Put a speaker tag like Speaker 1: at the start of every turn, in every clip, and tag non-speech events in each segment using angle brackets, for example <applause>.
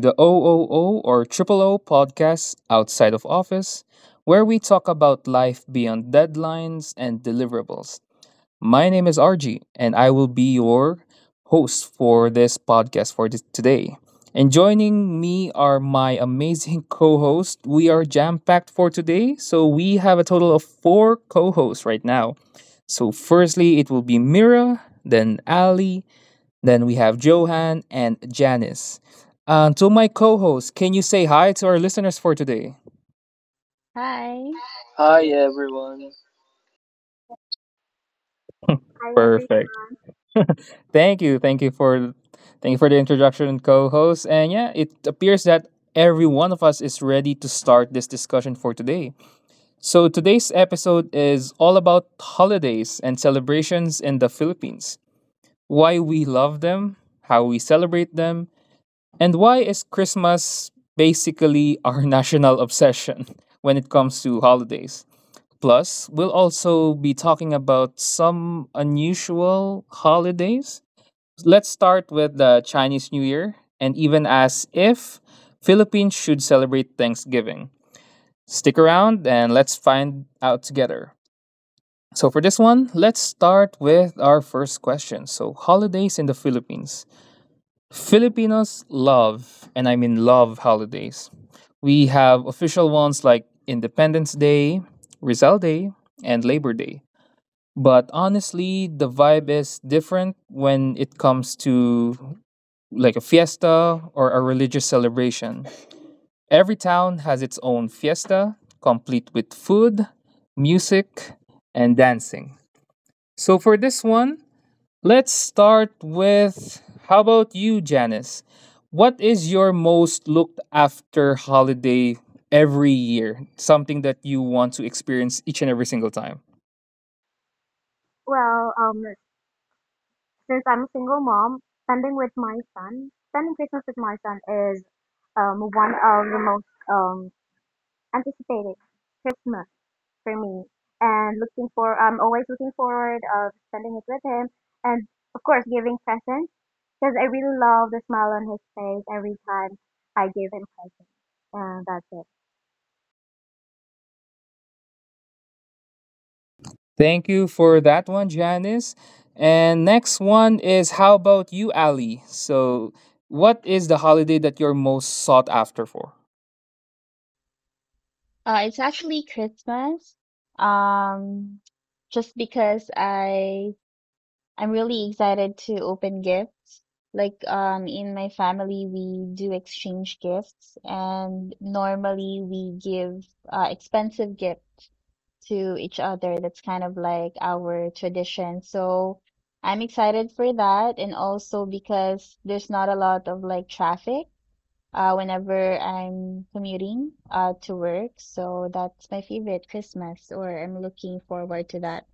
Speaker 1: the OOO or Triple O podcast, Outside of Office, where we talk about life beyond deadlines and deliverables. My name is RG, and I will be your host for this podcast today. And joining me are my amazing <laughs> co hosts. We are jam packed for today, so we have a total of four co hosts right now. So, firstly, it will be Mira, then Ali, then we have Johan and Janice. And to my co host, can you say hi to our listeners for today?
Speaker 2: Hi.
Speaker 3: Hi everyone.
Speaker 4: Hi
Speaker 1: Perfect.
Speaker 4: everyone.
Speaker 1: Thank you. Thank you for the introduction, co-host. And yeah, it appears that every one of us is ready to start this discussion for today. So today's episode is all about holidays and celebrations in the Philippines. Why we love them, how we celebrate them, and why is Christmas basically our <laughs> national obsession when it comes to holidays? Plus, we'll also be talking about some unusual holidays. Let's start with the Chinese New Year and even as if Philippines should celebrate Thanksgiving. Stick around and let's find out together. So, for this one, let's start with our first question. So, holidays in the Philippines. Filipinos love, and I mean love, holidays. We have official ones like Independence Day, Rizal Day, and Labor Day. But honestly, the vibe is different when it comes to like a fiesta or a religious celebration. Every town has its own fiesta, complete with food, music, and dancing. So for this one, let's start with how about you, Janice? What is your most looked after holiday every year? Something that you want to experience each and every single time.
Speaker 4: Well, um, since I'm a single mom, spending Christmas with my son is one of the most um anticipated Christmas for me. And I'm always looking forward of spending it with him, and of course giving presents because I really love the smile on his face every time I give him presents, and that's it.
Speaker 1: Thank you for that one, Janice. And next one is how about you, Ali? So, what is the holiday that you're most sought after for?
Speaker 2: It's actually Christmas. Um, just because I'm really excited to open gifts. Like in my family we do exchange gifts, and normally we give expensive gift to each other. That's kind of like our tradition. So I'm excited for that, and also because there's not a lot of like traffic whenever I'm commuting to work. So that's my favorite Christmas, or I'm looking forward to that.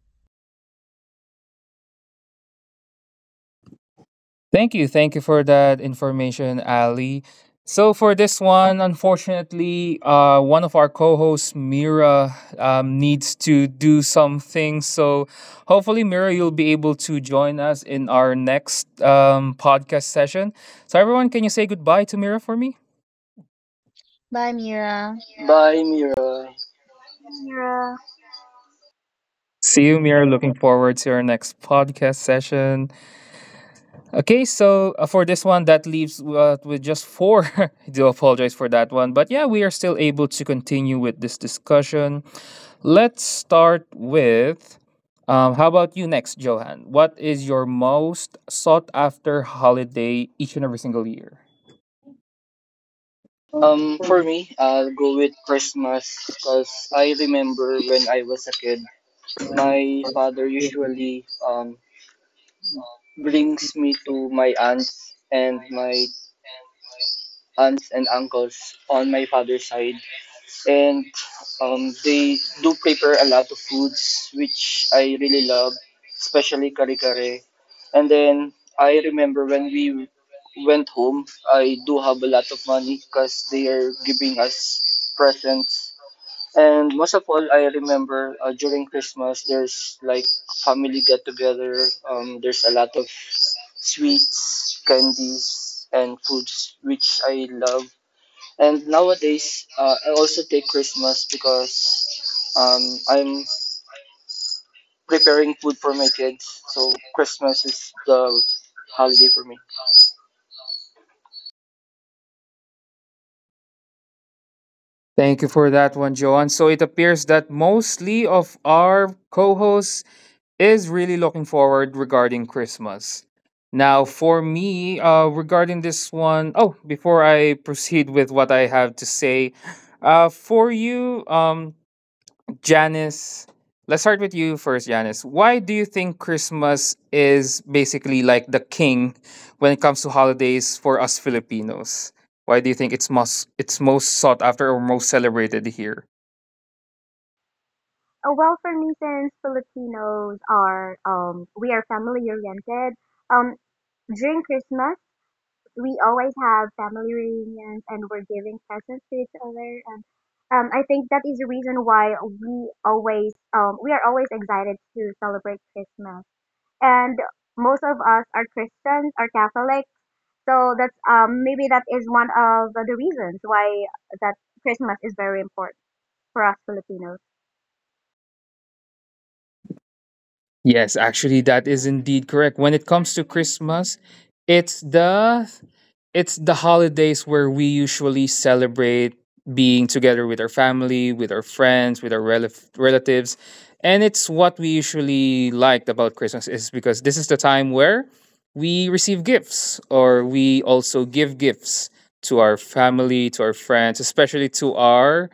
Speaker 1: Thank you. Thank you for that information, Ali. So for this one, unfortunately, one of our co-hosts, Mira, needs to do some things. So hopefully, Mira, you'll be able to join us in our next podcast session. So everyone, can you say goodbye to Mira for me?
Speaker 2: Bye, Mira.
Speaker 3: Bye Mira.
Speaker 4: Mira.
Speaker 1: See you, Mira. Looking forward to our next podcast session. Okay, so for this one, that leaves with just four. <laughs> I do apologize for that one. But yeah, we are still able to continue with this discussion. Let's start with how about you next, Johan? What is your most sought after holiday each and every single year?
Speaker 3: For me, I'll go with Christmas cuz I remember when I was a kid, my father usually brings me to my aunts and uncles on my father's side and they do prepare a lot of foods which I really love, especially kare kare. And then I remember when we went home, I do have a lot of money because they are giving us presents. And most of all, I remember during Christmas, there's like family get together. There's a lot of sweets, candies, and foods which I love, and nowadays, I also take Christmas because um, I'm preparing food for my kids. So Christmas is the holiday for me.
Speaker 1: Thank you for that one, Johan. So it appears that mostly of our co hosts is really looking forward regarding Christmas. Now, for me, regarding this one, oh, before I proceed with what I have to say, for you, Janice, let's start with you first, Janice. Why do you think Christmas is basically like the king when it comes to holidays for us Filipinos? Why do you think it's most sought after or most celebrated here?
Speaker 4: For me, since Filipinos are we are family oriented. Um, During Christmas, we always have family reunions and we're giving presents to each other. And I think that is the reason why we always we are always excited to celebrate Christmas. And most of us are Christians, are Catholics, so that's maybe that is one of the reasons why that Christmas is very important for us Filipinos.
Speaker 1: Yes, actually, that is indeed correct. When it comes to Christmas, it's the holidays where we usually celebrate being together with our family, with our friends, with our relatives, and it's what we usually liked about Christmas is because this is the time where we receive gifts or we also give gifts to our family, to our friends, especially to our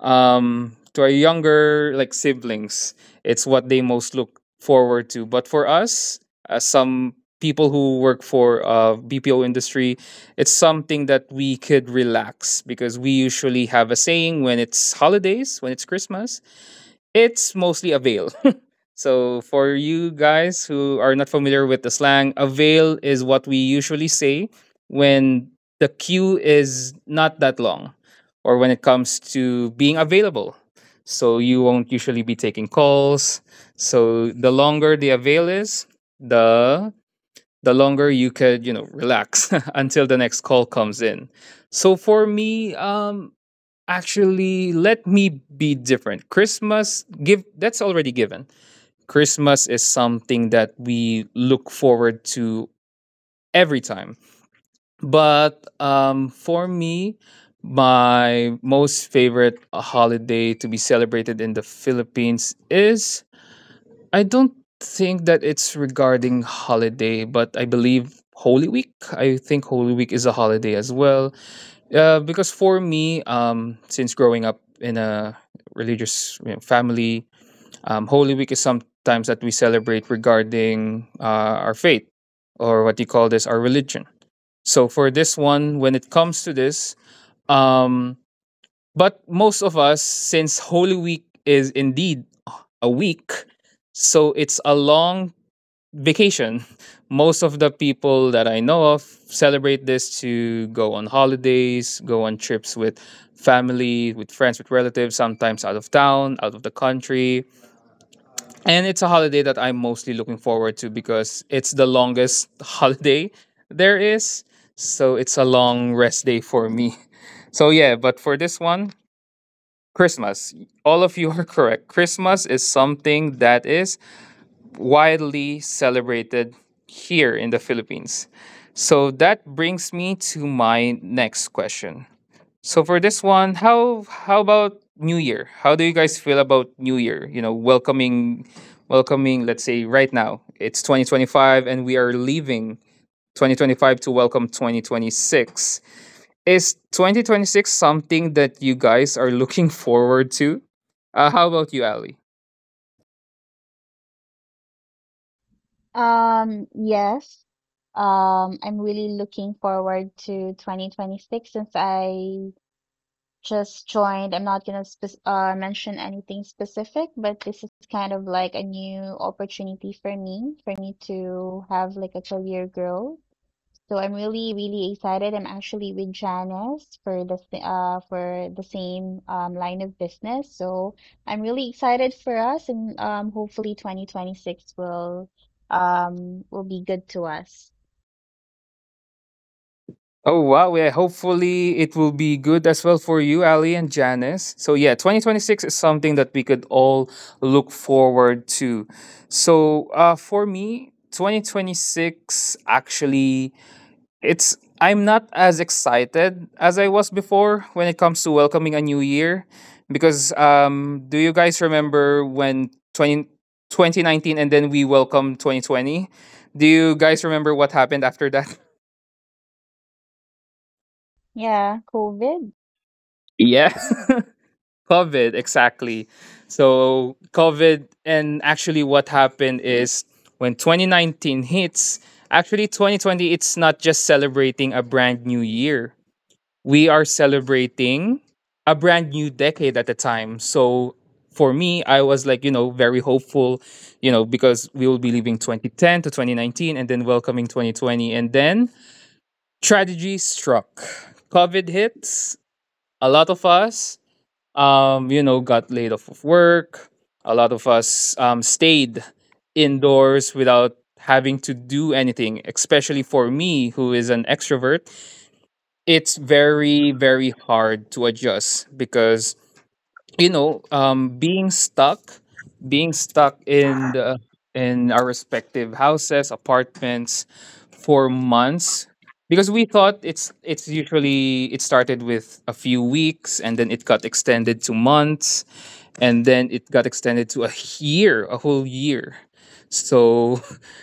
Speaker 1: um to our younger like siblings, it's what they most look forward to. But for us, as some people who work for BPO industry, it's something that we could relax because we usually have a saying when it's holidays, when it's Christmas, it's mostly avail. So, for you guys who are not familiar with the slang, avail is what we usually say when the queue is not that long or when it comes to being available. So, you won't usually be taking calls. So, the longer the avail is, the the longer you could, you know, relax <laughs> until the next call comes in. So for me, actually let me be different. Christmas give that's already given. Christmas is something that we look forward to every time. But for me, my most favorite holiday to be celebrated in the Philippines is I don't think that it's regarding holiday, but I believe Holy Week. I think Holy Week is a holiday as well. Because for me, since growing up in a religious, you know, family, Holy Week is sometimes that we celebrate regarding our faith or what you call this, our religion. So for this one, when it comes to this, um, but most of us, since Holy Week is indeed a week, so it's a long vacation. <laughs> Most of the people that I know of celebrate this to go on holidays, go on trips with family, with friends, with relatives, sometimes out of town, out of the country, and it's a holiday that I'm mostly looking forward to because it's the longest <laughs> holiday there is. So it's a long rest day for me. <laughs> So, yeah, but for this one, Christmas. All of you are <laughs> correct. Christmas is something that is widely celebrated here in the Philippines. So that brings me to my next question. So for this one, how about New Year? How do you guys feel about New Year? You know, welcoming, let's say right now. It's 2025 and we are leaving 2025 to welcome 2026. Is 2026 something that you guys are looking <laughs> forward to? How about you, Ali?
Speaker 2: Yes. I'm really looking forward to 2026 since I just joined. I'm not gonna spe mention anything specific, but this is kind of like a new opportunity for me to have like a career growth. So I'm really, really excited. I'm actually with Janice for the for the same line of business. So I'm really excited for us, and hopefully 2026 will be good to us.
Speaker 1: Oh wow, yeah. Hopefully it will be good as well for you, Ali and Janice. So yeah, 2026 is something that we could all look forward to. So for me, 2026 actually it's I'm not as excited as I was before when it comes to welcoming a new year because do you guys remember when 20 2019, and then we welcomed 2020? Do you guys remember what happened after that? <laughs>
Speaker 2: Yeah, COVID.
Speaker 1: Yeah. <laughs> COVID, exactly. So COVID, and actually, what happened is when 2019 hits, actually 2020, it's not just celebrating a brand new year. We are celebrating a brand new decade at the time. So for me, I was like, you know, very hopeful, you know, because we will be leaving 2010 to 2019 and then welcoming 2020. And then tragedy struck. COVID hits. A lot of us you know, got laid off of work. A lot of us stayed indoors without having to do anything, especially for me, who is an extrovert. It's very, very hard to adjust because, you know, being stuck, being stuck in our respective houses, apartments for months because we thought it's usually it started with a few weeks and then it got extended to months and then it got extended to a year, a whole year. So,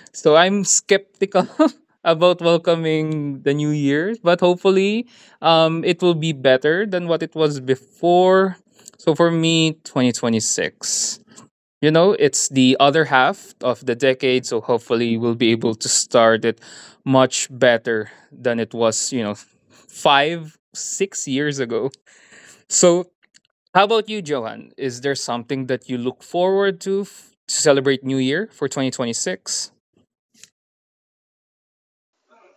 Speaker 1: <laughs> so I'm skeptical <laughs> about welcoming the new year, but hopefully, it will be better than what it was before. So for me, 2026. You know, it's the other half of the decade, so hopefully we'll be able to start it much better than it was, you know, five, 6 years ago. So how about you, Johan? Is there something that you look forward to to celebrate New Year for 2026?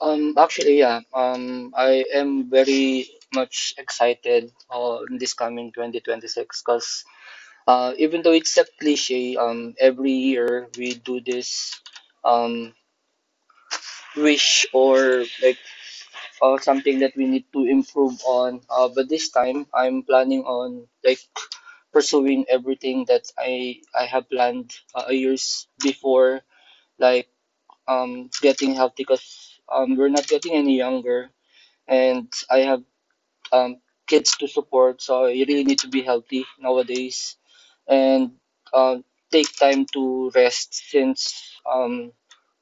Speaker 3: Actually, yeah. I am very much excited in this coming 2026 because even though it's a cliche, every year we do this um, wish, or like something that we need to improve on. But this time, I'm planning on like pursuing everything that I have planned years before, like getting healthy, because we're not getting any younger, and I have um kids to support, so you really need to be healthy nowadays, and uh, take time to rest since um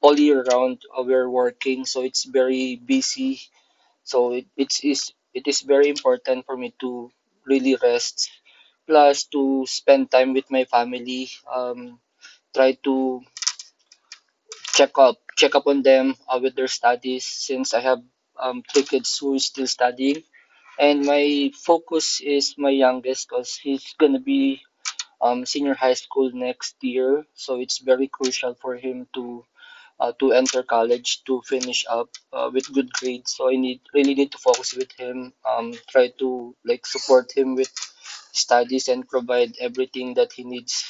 Speaker 3: all year round we're working, so it's very busy, so it is very important for me to really rest, plus to spend time with my family. Try to check up on them with their studies since I have two kids who is still studying. And my focus is my youngest because he's gonna be senior high school next year, so it's very crucial for him to enter college, to finish up with good grades. So I need really need to focus with him. Try to like support him with studies and provide everything that he needs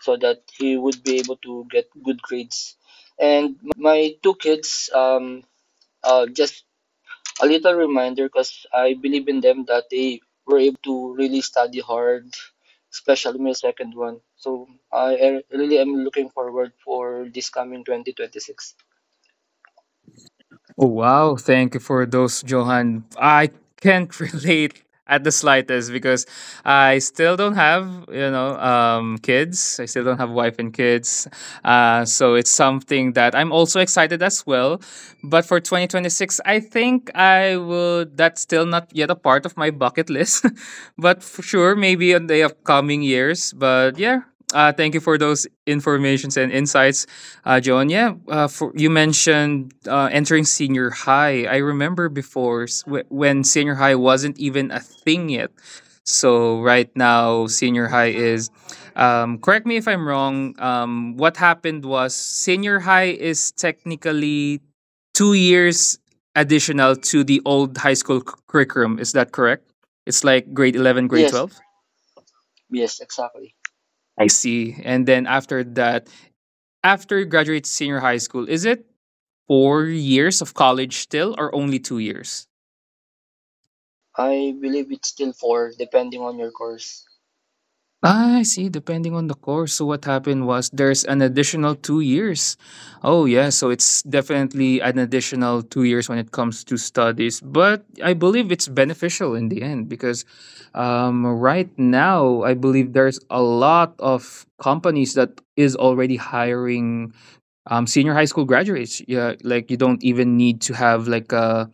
Speaker 3: so that he would be able to get good grades. And my two kids, just a little reminder, because I believe in them that they were able to really study hard, especially my second one. So I really am looking forward for this coming 2026.
Speaker 1: Oh, wow. Thank you for those, Johan. I can't <laughs> relate at the slightest because I still don't have, you know, kids. I still don't have wife and kids. So it's something that I'm also excited as well. But for 2026, I think I would, that's still not yet a part of my bucket list. <laughs> but for sure, maybe in the upcoming years. But yeah, thank you for those informations and insights, Joan. Yeah, for, you mentioned entering senior high. I remember before when senior high wasn't even a thing yet. So right now, senior high is. Correct me if I'm wrong. What happened was senior high is technically 2 years additional to the old high school curriculum. Is that correct? It's like grade 11, grade
Speaker 3: Yes,
Speaker 1: 12.
Speaker 3: yes, exactly.
Speaker 1: I see. And then after that, after you graduate senior high school, is it 4 years of college still or only 2 years?
Speaker 3: I believe it's still four, depending on your course.
Speaker 1: Ah, I see, depending on the course. So what happened was there's an additional 2 years. Oh yeah, so it's definitely an additional 2 years when it comes to studies. But I believe it's beneficial in the end because right now I believe there's a lot of companies that is already hiring senior high school graduates. Yeah, like you don't even need to have like a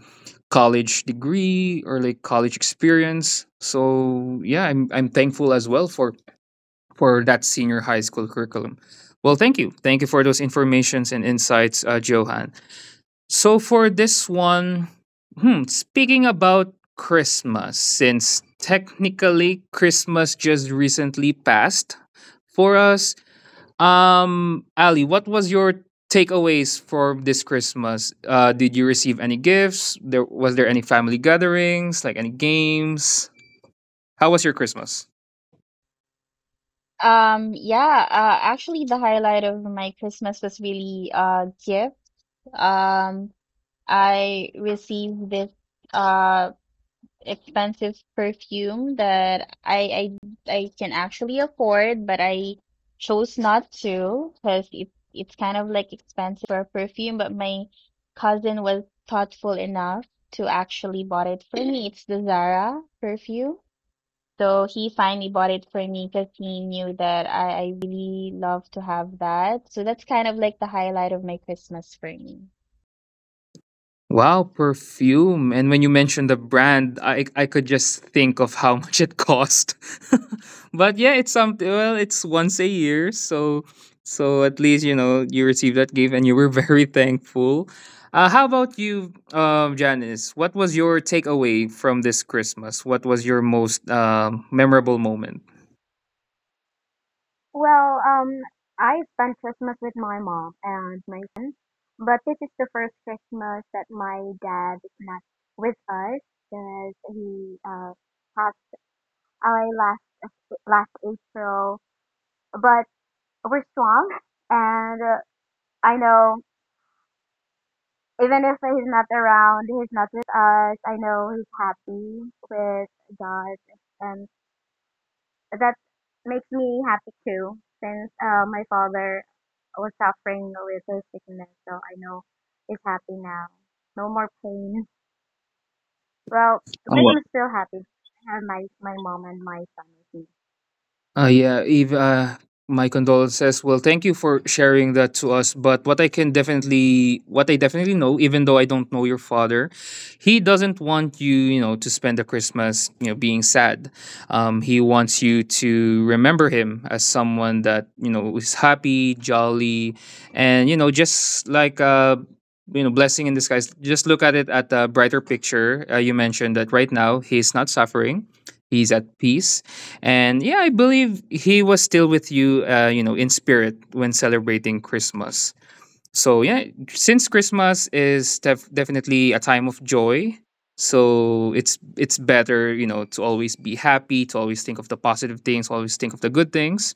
Speaker 1: college degree or like college experience. So yeah, I'm thankful as well for that senior high school curriculum. Well, thank you for those informations and insights, Johan. So for this one, hmm, speaking about Christmas, since technically Christmas just recently passed for us, Ali, what was your takeaways for this Christmas? Did you receive any gifts? There any family gatherings, like any games? How was your Christmas?
Speaker 2: Yeah, actually the highlight of my Christmas was really gift. Um I received this uh expensive perfume that I can actually afford, but I chose not to because it's kind of like expensive for a perfume, but my cousin was thoughtful enough to actually bought it for me. It's the Zara perfume. So he finally bought it for me because he knew that I really love to have that. So that's kind of like the highlight of my Christmas for me.
Speaker 1: Wow, perfume. And when you mentioned the brand, I could just think of how <laughs> much it cost. <laughs> But yeah, it's something well, it's once a year, so at least you know you received that gift and you were <laughs> very thankful. How about you, Janice? What was your takeaway from this Christmas? What was your most memorable moment?
Speaker 4: Well, um, I spent Christmas with my mom and my son, but this is the first Christmas that my dad is not with us because he passed away last April. But we're strong, and I know even if he's not around, he's not with us. I know he's happy with God and that makes me happy too, since my father was suffering with his sickness, so I know he's happy now. No more pain. Well, Christmas still happy. I have my mom and my son with me,
Speaker 1: Yeah, Eve, my condolences. Well, thank you for sharing that to us. But what I can definitely, what I definitely know, even though I don't know your father, he doesn't want you to spend the Christmas, being sad. He wants you to remember him as someone that, is happy, jolly, and, just like, blessing in disguise. Just look at it at the brighter picture. You mentioned that right now he's not suffering. He's at peace, and yeah, I believe he was still with you, in spirit when celebrating Christmas. So yeah, since Christmas is definitely a time of joy, so it's better, to always be happy, to always think of the positive things, always think of the good things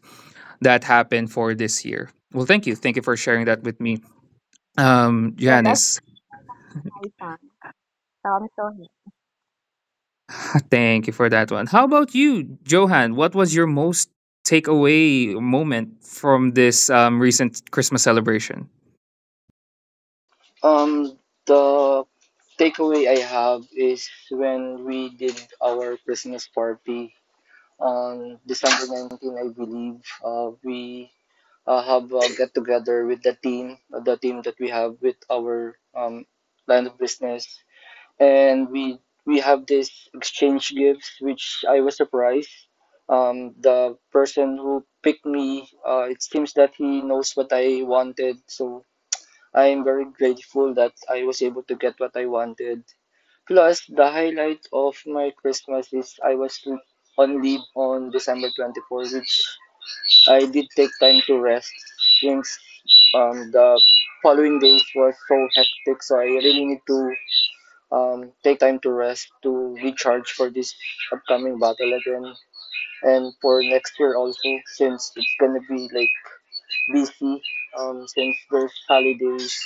Speaker 1: that happened for this year. Well, thank you for sharing that with me,
Speaker 4: and that's
Speaker 1: Janice.
Speaker 4: my son, so I'm still here.
Speaker 1: Thank you for that one. How about you, Johan? What was your most takeaway moment from this recent Christmas celebration?
Speaker 3: Um, the takeaway I have is when we did our Christmas party on December 19th, I believe. We have a get together with the team that we have with our line of business, and we have this exchange gifts, which I was surprised, the person who picked me, it seems that he knows what I wanted, so I am very grateful that I was able to get what I wanted, plus the highlight of my Christmas is I was on leave on December 24th, which I did take time to rest since the following days was so hectic, so I really need to take time to rest, to recharge for this upcoming battle again, and for next year also, since it's gonna be like busy, since there's holidays,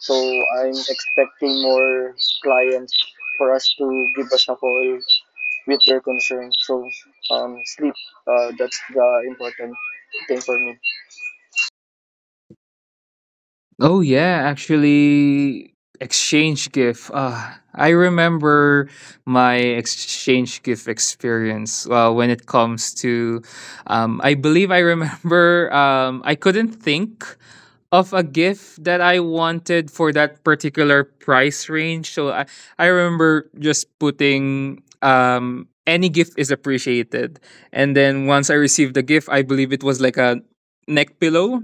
Speaker 3: so I'm expecting more clients for us to give us a call with their concerns. So, sleep, that's the important thing for me.
Speaker 1: Oh yeah, actually exchange gift. Ah, I remember my exchange gift experience. Well, when it comes to I believe I remember <laughs> I couldn't think of a gift that I wanted for that particular price range. So I remember just putting any gift is appreciated. And then once I received the gift, I believe it was like a neck pillow,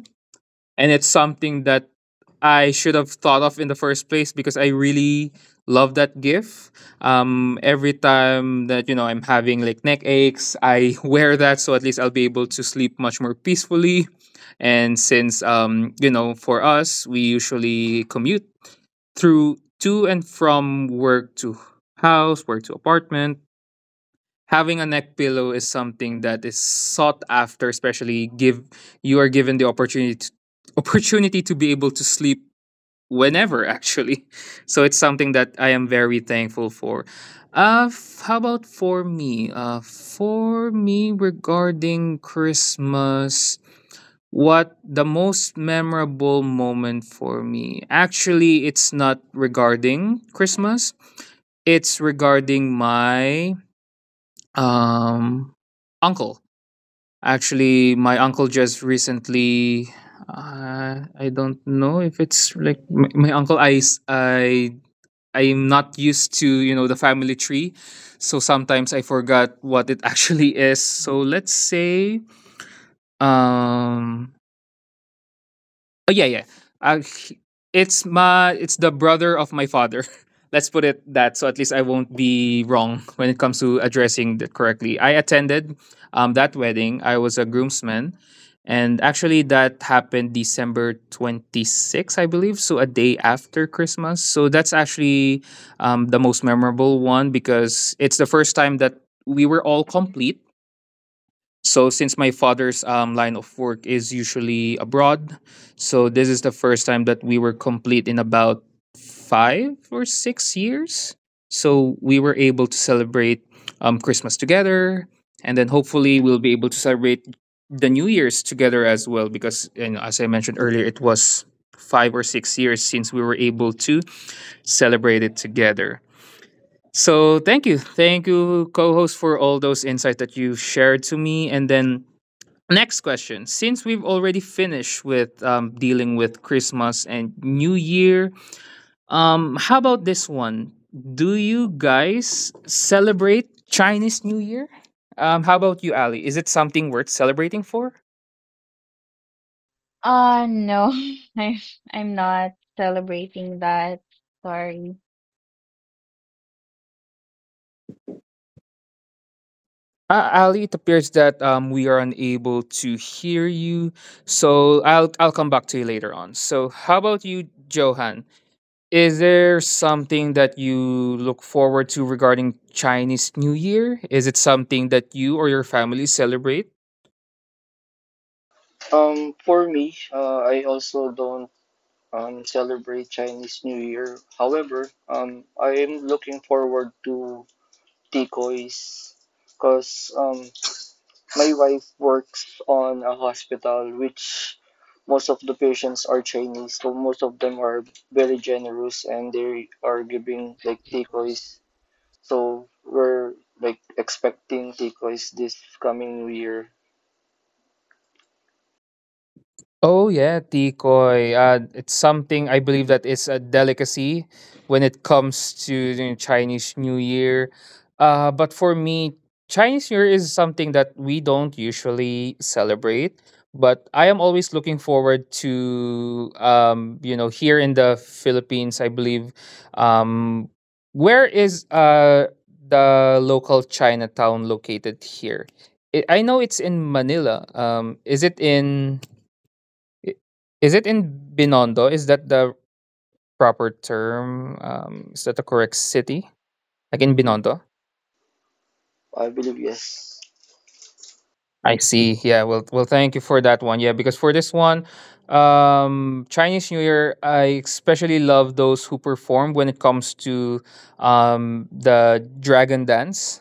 Speaker 1: and it's something that I should have thought of in the first place because I really love that gift. Every time that you know I'm having like neck aches, I <laughs> wear that, so at least I'll be able to sleep much more peacefully. And since you know, for us, we usually commute through to and from work to house, work to apartment, having a neck pillow is something that is sought after, especially give you are given the opportunity to, <laughs> opportunity to be able to sleep whenever actually. <laughs> So it's something that I am very thankful for. How about for me? For me, regarding Christmas, what the most memorable moment for me, actually it's not regarding Christmas, it's regarding my um, uncle. Actually, my uncle just recently. I don't know if it's like my uncle. I s- I I'm not used to you know the family tree, so sometimes I forgot what it <laughs> actually is. So let's say um oh yeah, yeah. Uh, he- it's my, it's the brother of my father. <laughs> Let's put it that, so at least I won't be wrong when it comes to addressing that correctly. I attended that wedding. I was a groomsman, and actually that happened December 26th, I believe, so a day after Christmas. So that's actually the most memorable one because it's the first time that we were all complete, so since my father's line of work is usually abroad, so this is the first time that we were complete in about 5 or 6 years. So we were able to celebrate Christmas together, and then hopefully we'll be able to celebrate the New Year's together as well. Because you know, as I mentioned earlier, it was 5 or 6 years since we were able to celebrate it together. So thank you, co-host, for all those insights that you shared to me, and then next question. Since we've already finished with dealing with Christmas and New Year, how about this one? Do you guys celebrate Chinese New Year? How about you, Ali? Is it something worth celebrating for?
Speaker 2: No, <laughs> I'm I'm not celebrating that. Sorry.
Speaker 1: Ali, it appears that we are unable to hear you, so I'll come back to you later on. So, how about you, Johan? Is there something that you look forward to regarding Chinese New Year? Is it something that you or your family celebrate?
Speaker 3: For me, I also don't celebrate Chinese New Year. However, I am looking forward to decoys because my wife works on a hospital which most of the patients are Chinese, so most of them are very generous and they are giving like decoys. So we're like expecting decoys this coming new year.
Speaker 1: Oh yeah, tikoy. It's something I believe that is a delicacy when it comes to you know, Chinese New Year. But for me, Chinese New Year is something that we don't usually celebrate. But I am always looking forward to, you know, here in the Philippines, I believe. Um, where is the local Chinatown located here? I know it's in Manila. I- Is it in Binondo? Is that the proper term? Is that the correct city? Like in Binondo?
Speaker 3: I believe yes.
Speaker 1: I see. Yeah. Well, thank you for that one. Yeah, because for this one, Chinese New Year, I especially love those who perform when it comes to the dragon dance.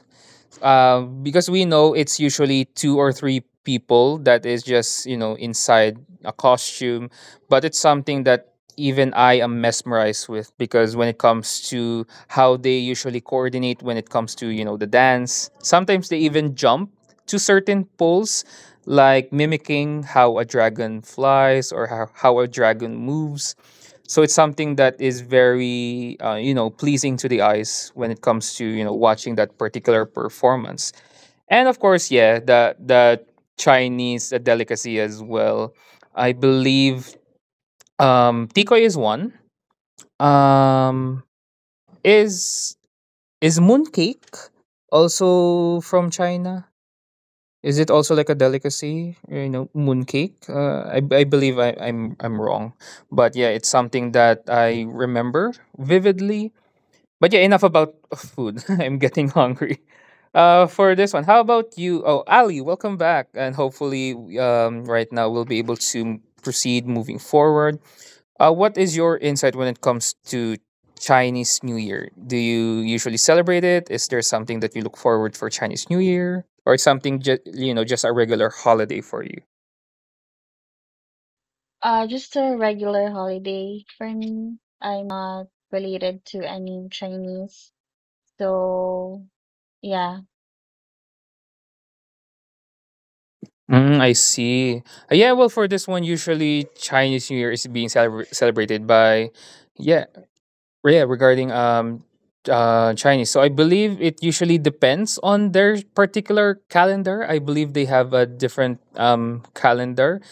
Speaker 1: Because we know it's usually two or three people that is just you know inside a costume, but it's something that even I am mesmerized with, because when it comes to how they usually coordinate when it comes to you know the dance, sometimes they even jump to certain poles, like mimicking how a dragon flies or how, a dragon moves, so it's something that is very you know pleasing to the eyes when it comes to you know watching that particular performance. And of course, yeah, the Chinese delicacy as well. I believe tikoy is one. um is is mooncake also from China? Is it also like a delicacy, you know, mooncake? I believe I'm wrong, but yeah, it's something that I remember vividly. But yeah, enough about food. <laughs> I'm getting hungry. For this one, how about you? Oh, Ali, welcome back, and hopefully, right now we'll be able to proceed moving forward. What is your insight when it comes to Chinese New Year? Do you usually celebrate it? Is there something that you look forward for Chinese New Year, or something just you know just a regular holiday for you?
Speaker 2: Just a regular holiday for me. I'm not related to any Chinese. So, yeah.
Speaker 1: Mm, I see. Yeah, well, for this one, usually Chinese New Year is being celebrated by, yeah, yeah regarding Chinese, so I believe it usually depends on their particular calendar. I believe they have a different calendar,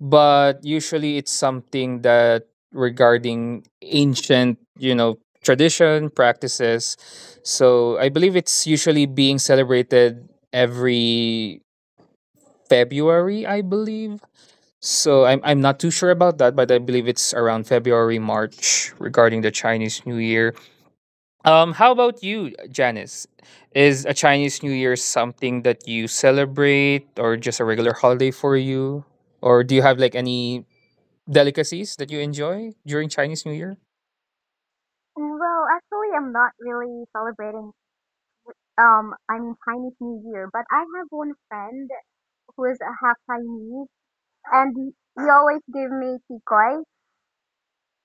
Speaker 1: but usually it's something that regarding ancient you know tradition practices, so I believe it's usually being celebrated every February, I believe, so I'm not too sure about that, but I believe it's around February, March, regarding the Chinese New Year. How about you, Janice? Is a Chinese New Year something that you celebrate, or just a regular holiday for you? Or do you have like any delicacies that you enjoy during Chinese New Year?
Speaker 4: Well, actually, I'm not really celebrating. I mean Chinese New Year, but I have one friend who is a half Chinese, and he always give me kikoi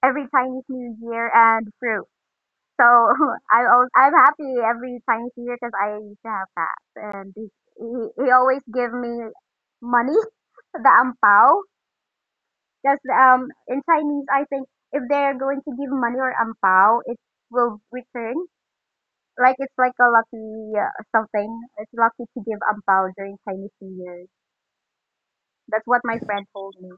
Speaker 4: every Chinese New Year and fruit. So <laughs> I'm happy every time he's here because I used to have that, and he always give me money, <laughs> the ampao. Because in Chinese, I think if they're going to give money or ampao, it will return. Like it's like a lucky something. It's lucky to give ampao during Chinese New Year. That's what my friend told me.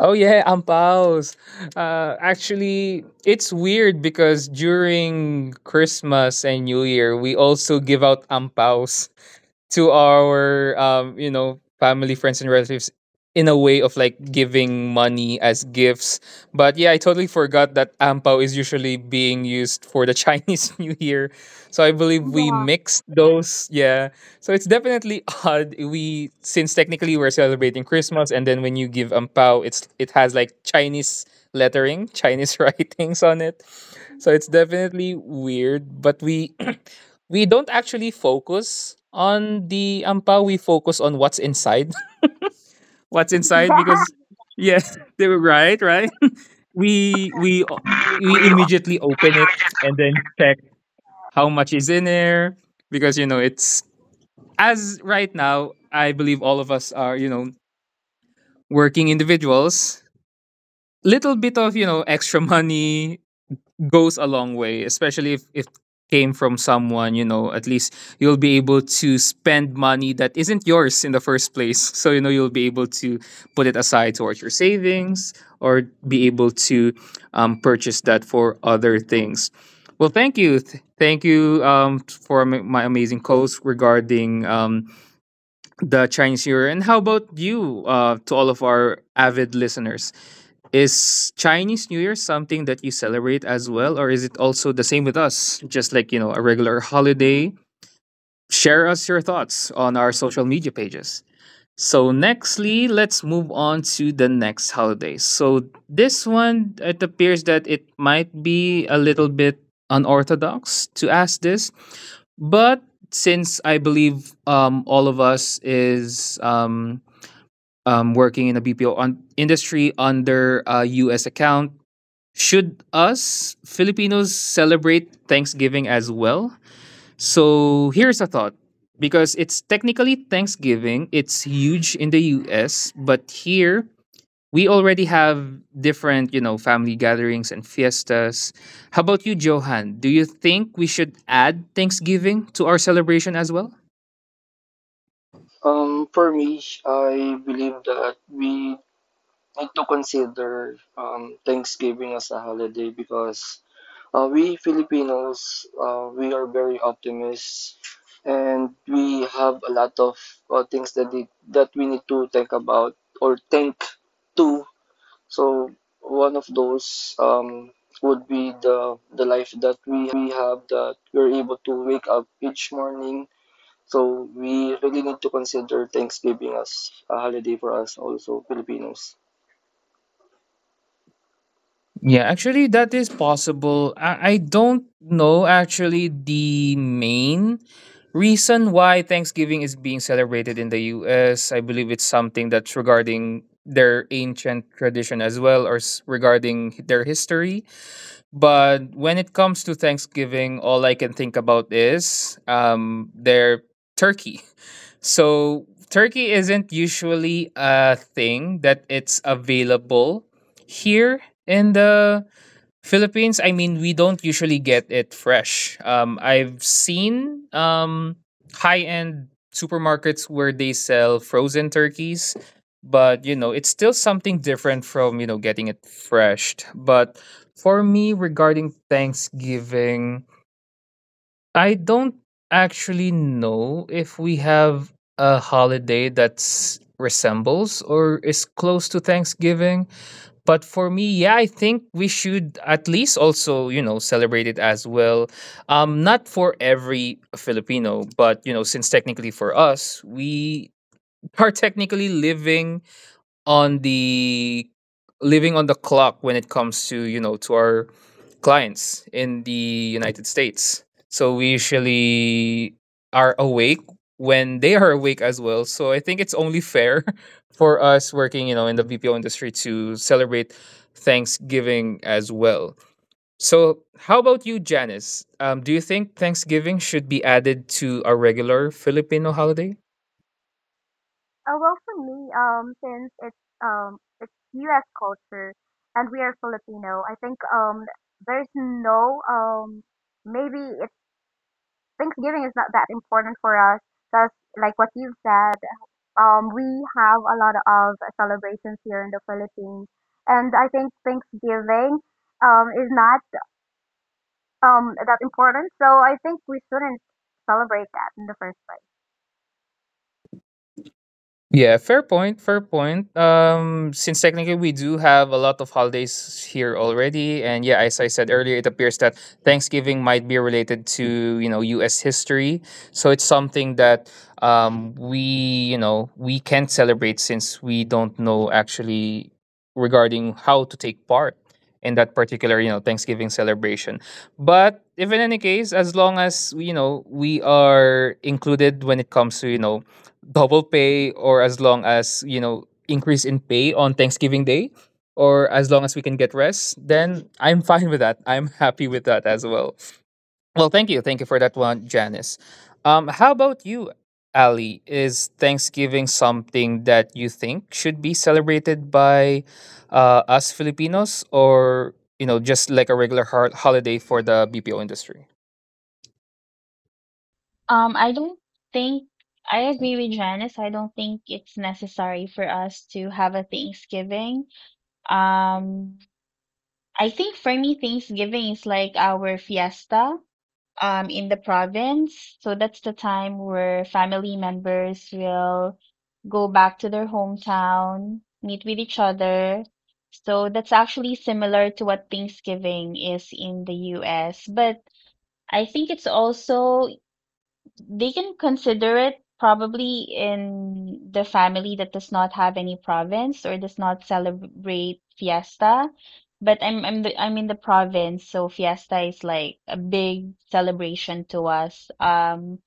Speaker 1: Oh yeah, ampaos. Actually, it's weird because during Christmas and New Year, we also give out ampaos to our you know, family, friends, and relatives in a way of like giving money as gifts. But yeah, I totally forgot that ampao is usually being used for the <laughs> Chinese New Year. So I believe we mixed those. Yeah, so it's definitely <laughs> odd. We, since technically we're celebrating Christmas, and then when you give ampao, it's, it has like Chinese lettering, Chinese <laughs> writings on it. So it's definitely weird. But we <clears throat> we don't actually focus on the ampao. We focus on what's inside. <laughs> What's inside?
Speaker 4: Yeah,
Speaker 1: Because yes, <laughs> they were right, <laughs> We we we immediately
Speaker 4: <laughs>
Speaker 1: open it
Speaker 4: yeah.
Speaker 1: and then check how much is in there, because you know it's as right now, I believe all of us are, working individuals. Little bit of, extra <laughs> money goes a long way, especially if came from someone, at least you'll be able to spend money that isn't yours in the first place. <laughs> So, you'll be able to put it aside towards your savings, or be able to purchase that for other things. Well, thank you. Thank you for my amazing calls regarding the Chinese New Year. And how about you, to all of our avid listeners? Is Chinese New Year something that you celebrate as well, or is it also the same with us, just like you know a regular holiday? Share us your thoughts on our social media pages. So nextly, let's move on to the next holiday. So this one, it appears that it might be a little bit unorthodox to ask this, but since I believe all of us is working in a BPO on industry under a U.S. account, should us Filipinos celebrate Thanksgiving as well? So here's a thought. Because it's technically Thanksgiving, it's huge in the US, but here we already have different, family gatherings and fiestas. How about you, Johan? Do you think we should add Thanksgiving to our celebration as well?
Speaker 3: For me, I believe that we need to consider Thanksgiving as a holiday because we Filipinos, we are very optimists and we have a lot of things that that we need to think about or think to. So one of those would be the life that we have, that we're able to wake up each morning. So we really need to consider Thanksgiving as a holiday for us also Filipinos.
Speaker 1: Yeah, actually, that is possible. I don't know actually the main reason why Thanksgiving is being celebrated in the US. I believe it's something that's regarding their ancient tradition as well, or regarding their history. But when it comes to Thanksgiving, all I can think about is their turkey. <laughs> So, turkey isn't usually a thing that it's available here in the Philippines. I mean, we don't usually get it fresh. I've seen high end supermarkets where they sell frozen turkeys, but it's still something different from getting it fresh. But for me, regarding Thanksgiving, I don't actually know if we have a holiday that's resembles or is close to Thanksgiving, but for me, yeah, I think we should at least also celebrate it as well. Not for every Filipino, but since technically for us, we are technically on the living on the clock when it comes to to our clients in the United States. So we usually are awake when they are awake as well. So I think it's only fair <laughs> for us working, in the BPO industry to celebrate Thanksgiving as well. So, how about you, Janice? Do you think Thanksgiving should be added to our regular Filipino holiday?
Speaker 4: Well, for me, since it's U.S. culture and we are Filipino, I think there's no maybe it's Thanksgiving is not that important for us because, like what you've said, we have a lot of celebrations here in the Philippines, and I think Thanksgiving is not that important, so I think we shouldn't celebrate that in the first place.
Speaker 1: Yeah, fair point, fair point. Since technically we do have a lot of holidays here already, and yeah, as I said earlier, it appears that Thanksgiving might be related to U.S. history, so it's something that we you know we can celebrate, since we don't know actually regarding how to take part in that particular Thanksgiving celebration. But if in any case, as long as we are included when it comes to double pay, or as long as increase in pay on Thanksgiving day, or as long as we can get rest, then I'm fine with that. I'm happy with that as well. Well, thank you, thank you for that one, Janice. How about you, Ali? Is Thanksgiving something that you think should be celebrated by us Filipinos, or just like a regular holiday for the BPO industry?
Speaker 2: I don't think I agree with Janice. I don't think it's necessary for us to have a Thanksgiving. Um, I think for me, Thanksgiving is like our fiesta in the province. So that's the time where family members will go back to their hometown, meet with each other. So that's actually similar to what Thanksgiving is in the US, but I think it's also they can consider it probably in the family that does not have any province or does not celebrate fiesta. But I'm in the province, so fiesta is like a big celebration to us.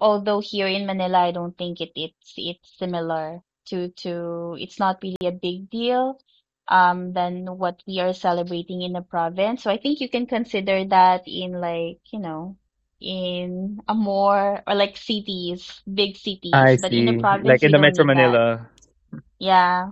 Speaker 2: Although here in Manila, I don't think it's similar to it's not really a big deal than what we are celebrating in the province. So I think you can consider that in like, you know, in a more or like cities, big cities,
Speaker 1: I
Speaker 2: but in the
Speaker 1: see. Like
Speaker 2: province
Speaker 1: in
Speaker 2: we
Speaker 1: the
Speaker 2: don't
Speaker 1: Metro
Speaker 2: need that.
Speaker 1: Manila.
Speaker 2: Yeah.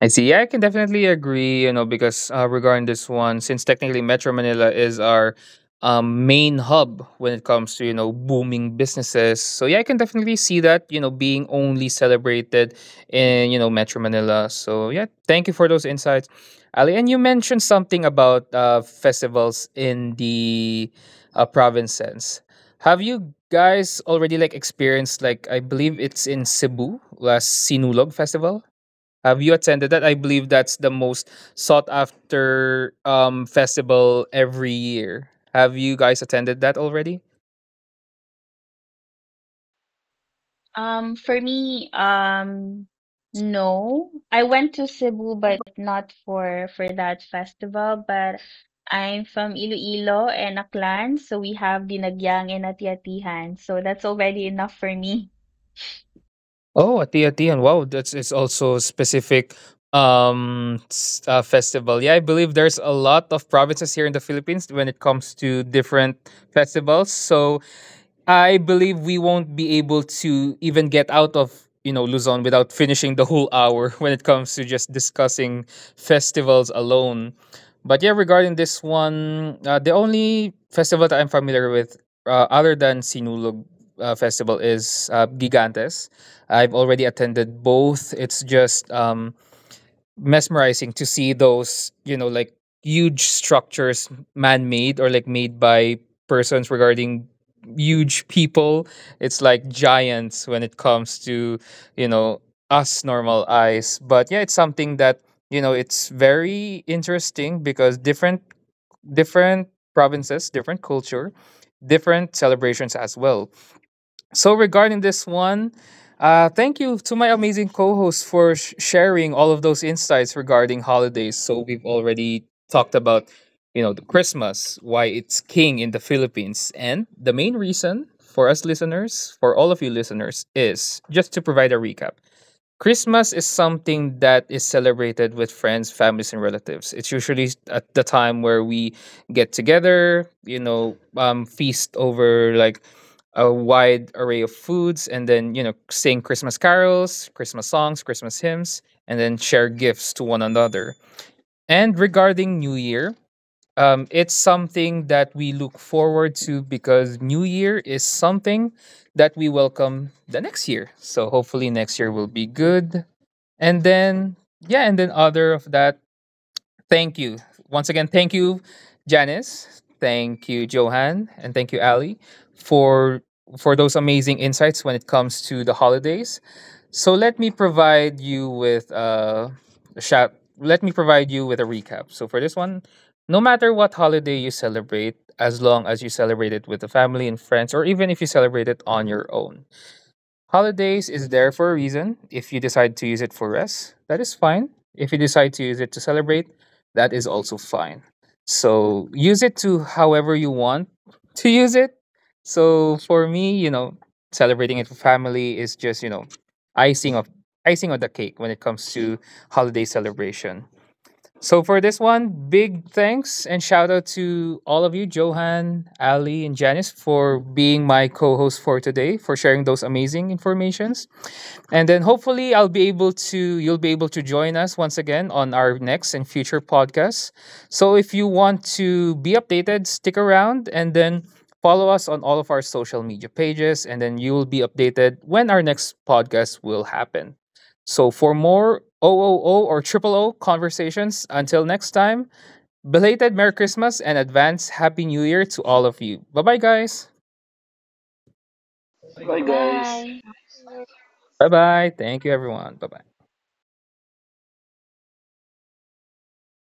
Speaker 1: I see. Yeah, I can definitely agree, because regarding this one, since technically Metro Manila is our main hub when it comes to, booming businesses. So, yeah, I can definitely see that, being only celebrated in, Metro Manila. So, yeah, thank you for those insights, Ali. And you mentioned something about festivals in the provinces. Have you guys already, like, experienced, like, I believe it's in Cebu, last Sinulog Festival? Have you attended that? I believe that's the most sought after festival every year. Have you guys attended that already?
Speaker 2: For me, no. I went to Cebu, but not for that festival. But I'm from Iloilo and Aklan, so we have Dinagyang and Atiatihan. So that's already enough for me.
Speaker 1: Oh, Ati Atian. Wow, that's it's also a specific festival. Yeah, I believe there's a lot of provinces here in the Philippines when it comes to different festivals. So I believe we won't be able to even get out of Luzon without finishing the whole hour <laughs> when it comes to just discussing festivals alone. But yeah, regarding this one, the only festival that I'm familiar with, other than Sinulog Festival, is Gigantes. I've already attended both. It's just mesmerizing to see those, like, huge structures, man made, or like made by persons regarding huge people. It's like giants when it comes to, you know, us normal eyes. But yeah, it's something that, it's very interesting because different provinces, different culture, different celebrations as well. So regarding this one, thank you to my amazing co-host for sharing all of those insights regarding holidays. So we've already talked about, the Christmas, why it's king in the Philippines, and the main reason for us listeners, for all of you listeners, is just to provide a recap. Christmas is something that is celebrated with friends, families, and relatives. It's usually at the time where we get together, feast over like a wide array of foods, and then sing Christmas carols, Christmas songs, Christmas hymns, and then share gifts to one another. And regarding New Year, it's something that we look forward to because New Year is something that we welcome the next year. So hopefully next year will be good, and then yeah, and then other of that, thank you. Once again, thank you, Janice. Thank you, Johan, and thank you, Ali, for those amazing insights when it comes to the holidays. So let me provide you with a shout. Let me provide you with a recap. So for this one, no matter what holiday you celebrate, as long as you celebrate it with the family and friends, or even if you celebrate it on your own, holidays is there for a reason. If you decide to use it for rest, that is fine. If you decide to use it to celebrate, that is also fine. So use it to however you want to use it. So for me, celebrating it for family is just, icing of icing on the cake when it comes to holiday celebration. So for this one, big thanks and shout out to all of you, Johan, Ali, and Janice, for being my co-host for today, for sharing those amazing informations. And then hopefully I'll be able to you'll be able to join us once again on our next and future podcasts. So if you want to be updated, stick around and then follow us on all of our social media pages, and then you will be updated when our next podcast will happen. So for more OOO or triple O conversations, until next time, belated Merry Christmas and advance Happy New Year to all of you. Bye-bye, guys.
Speaker 3: Bye guys.
Speaker 2: Bye.
Speaker 1: Bye-bye. Thank you, everyone. Bye-bye.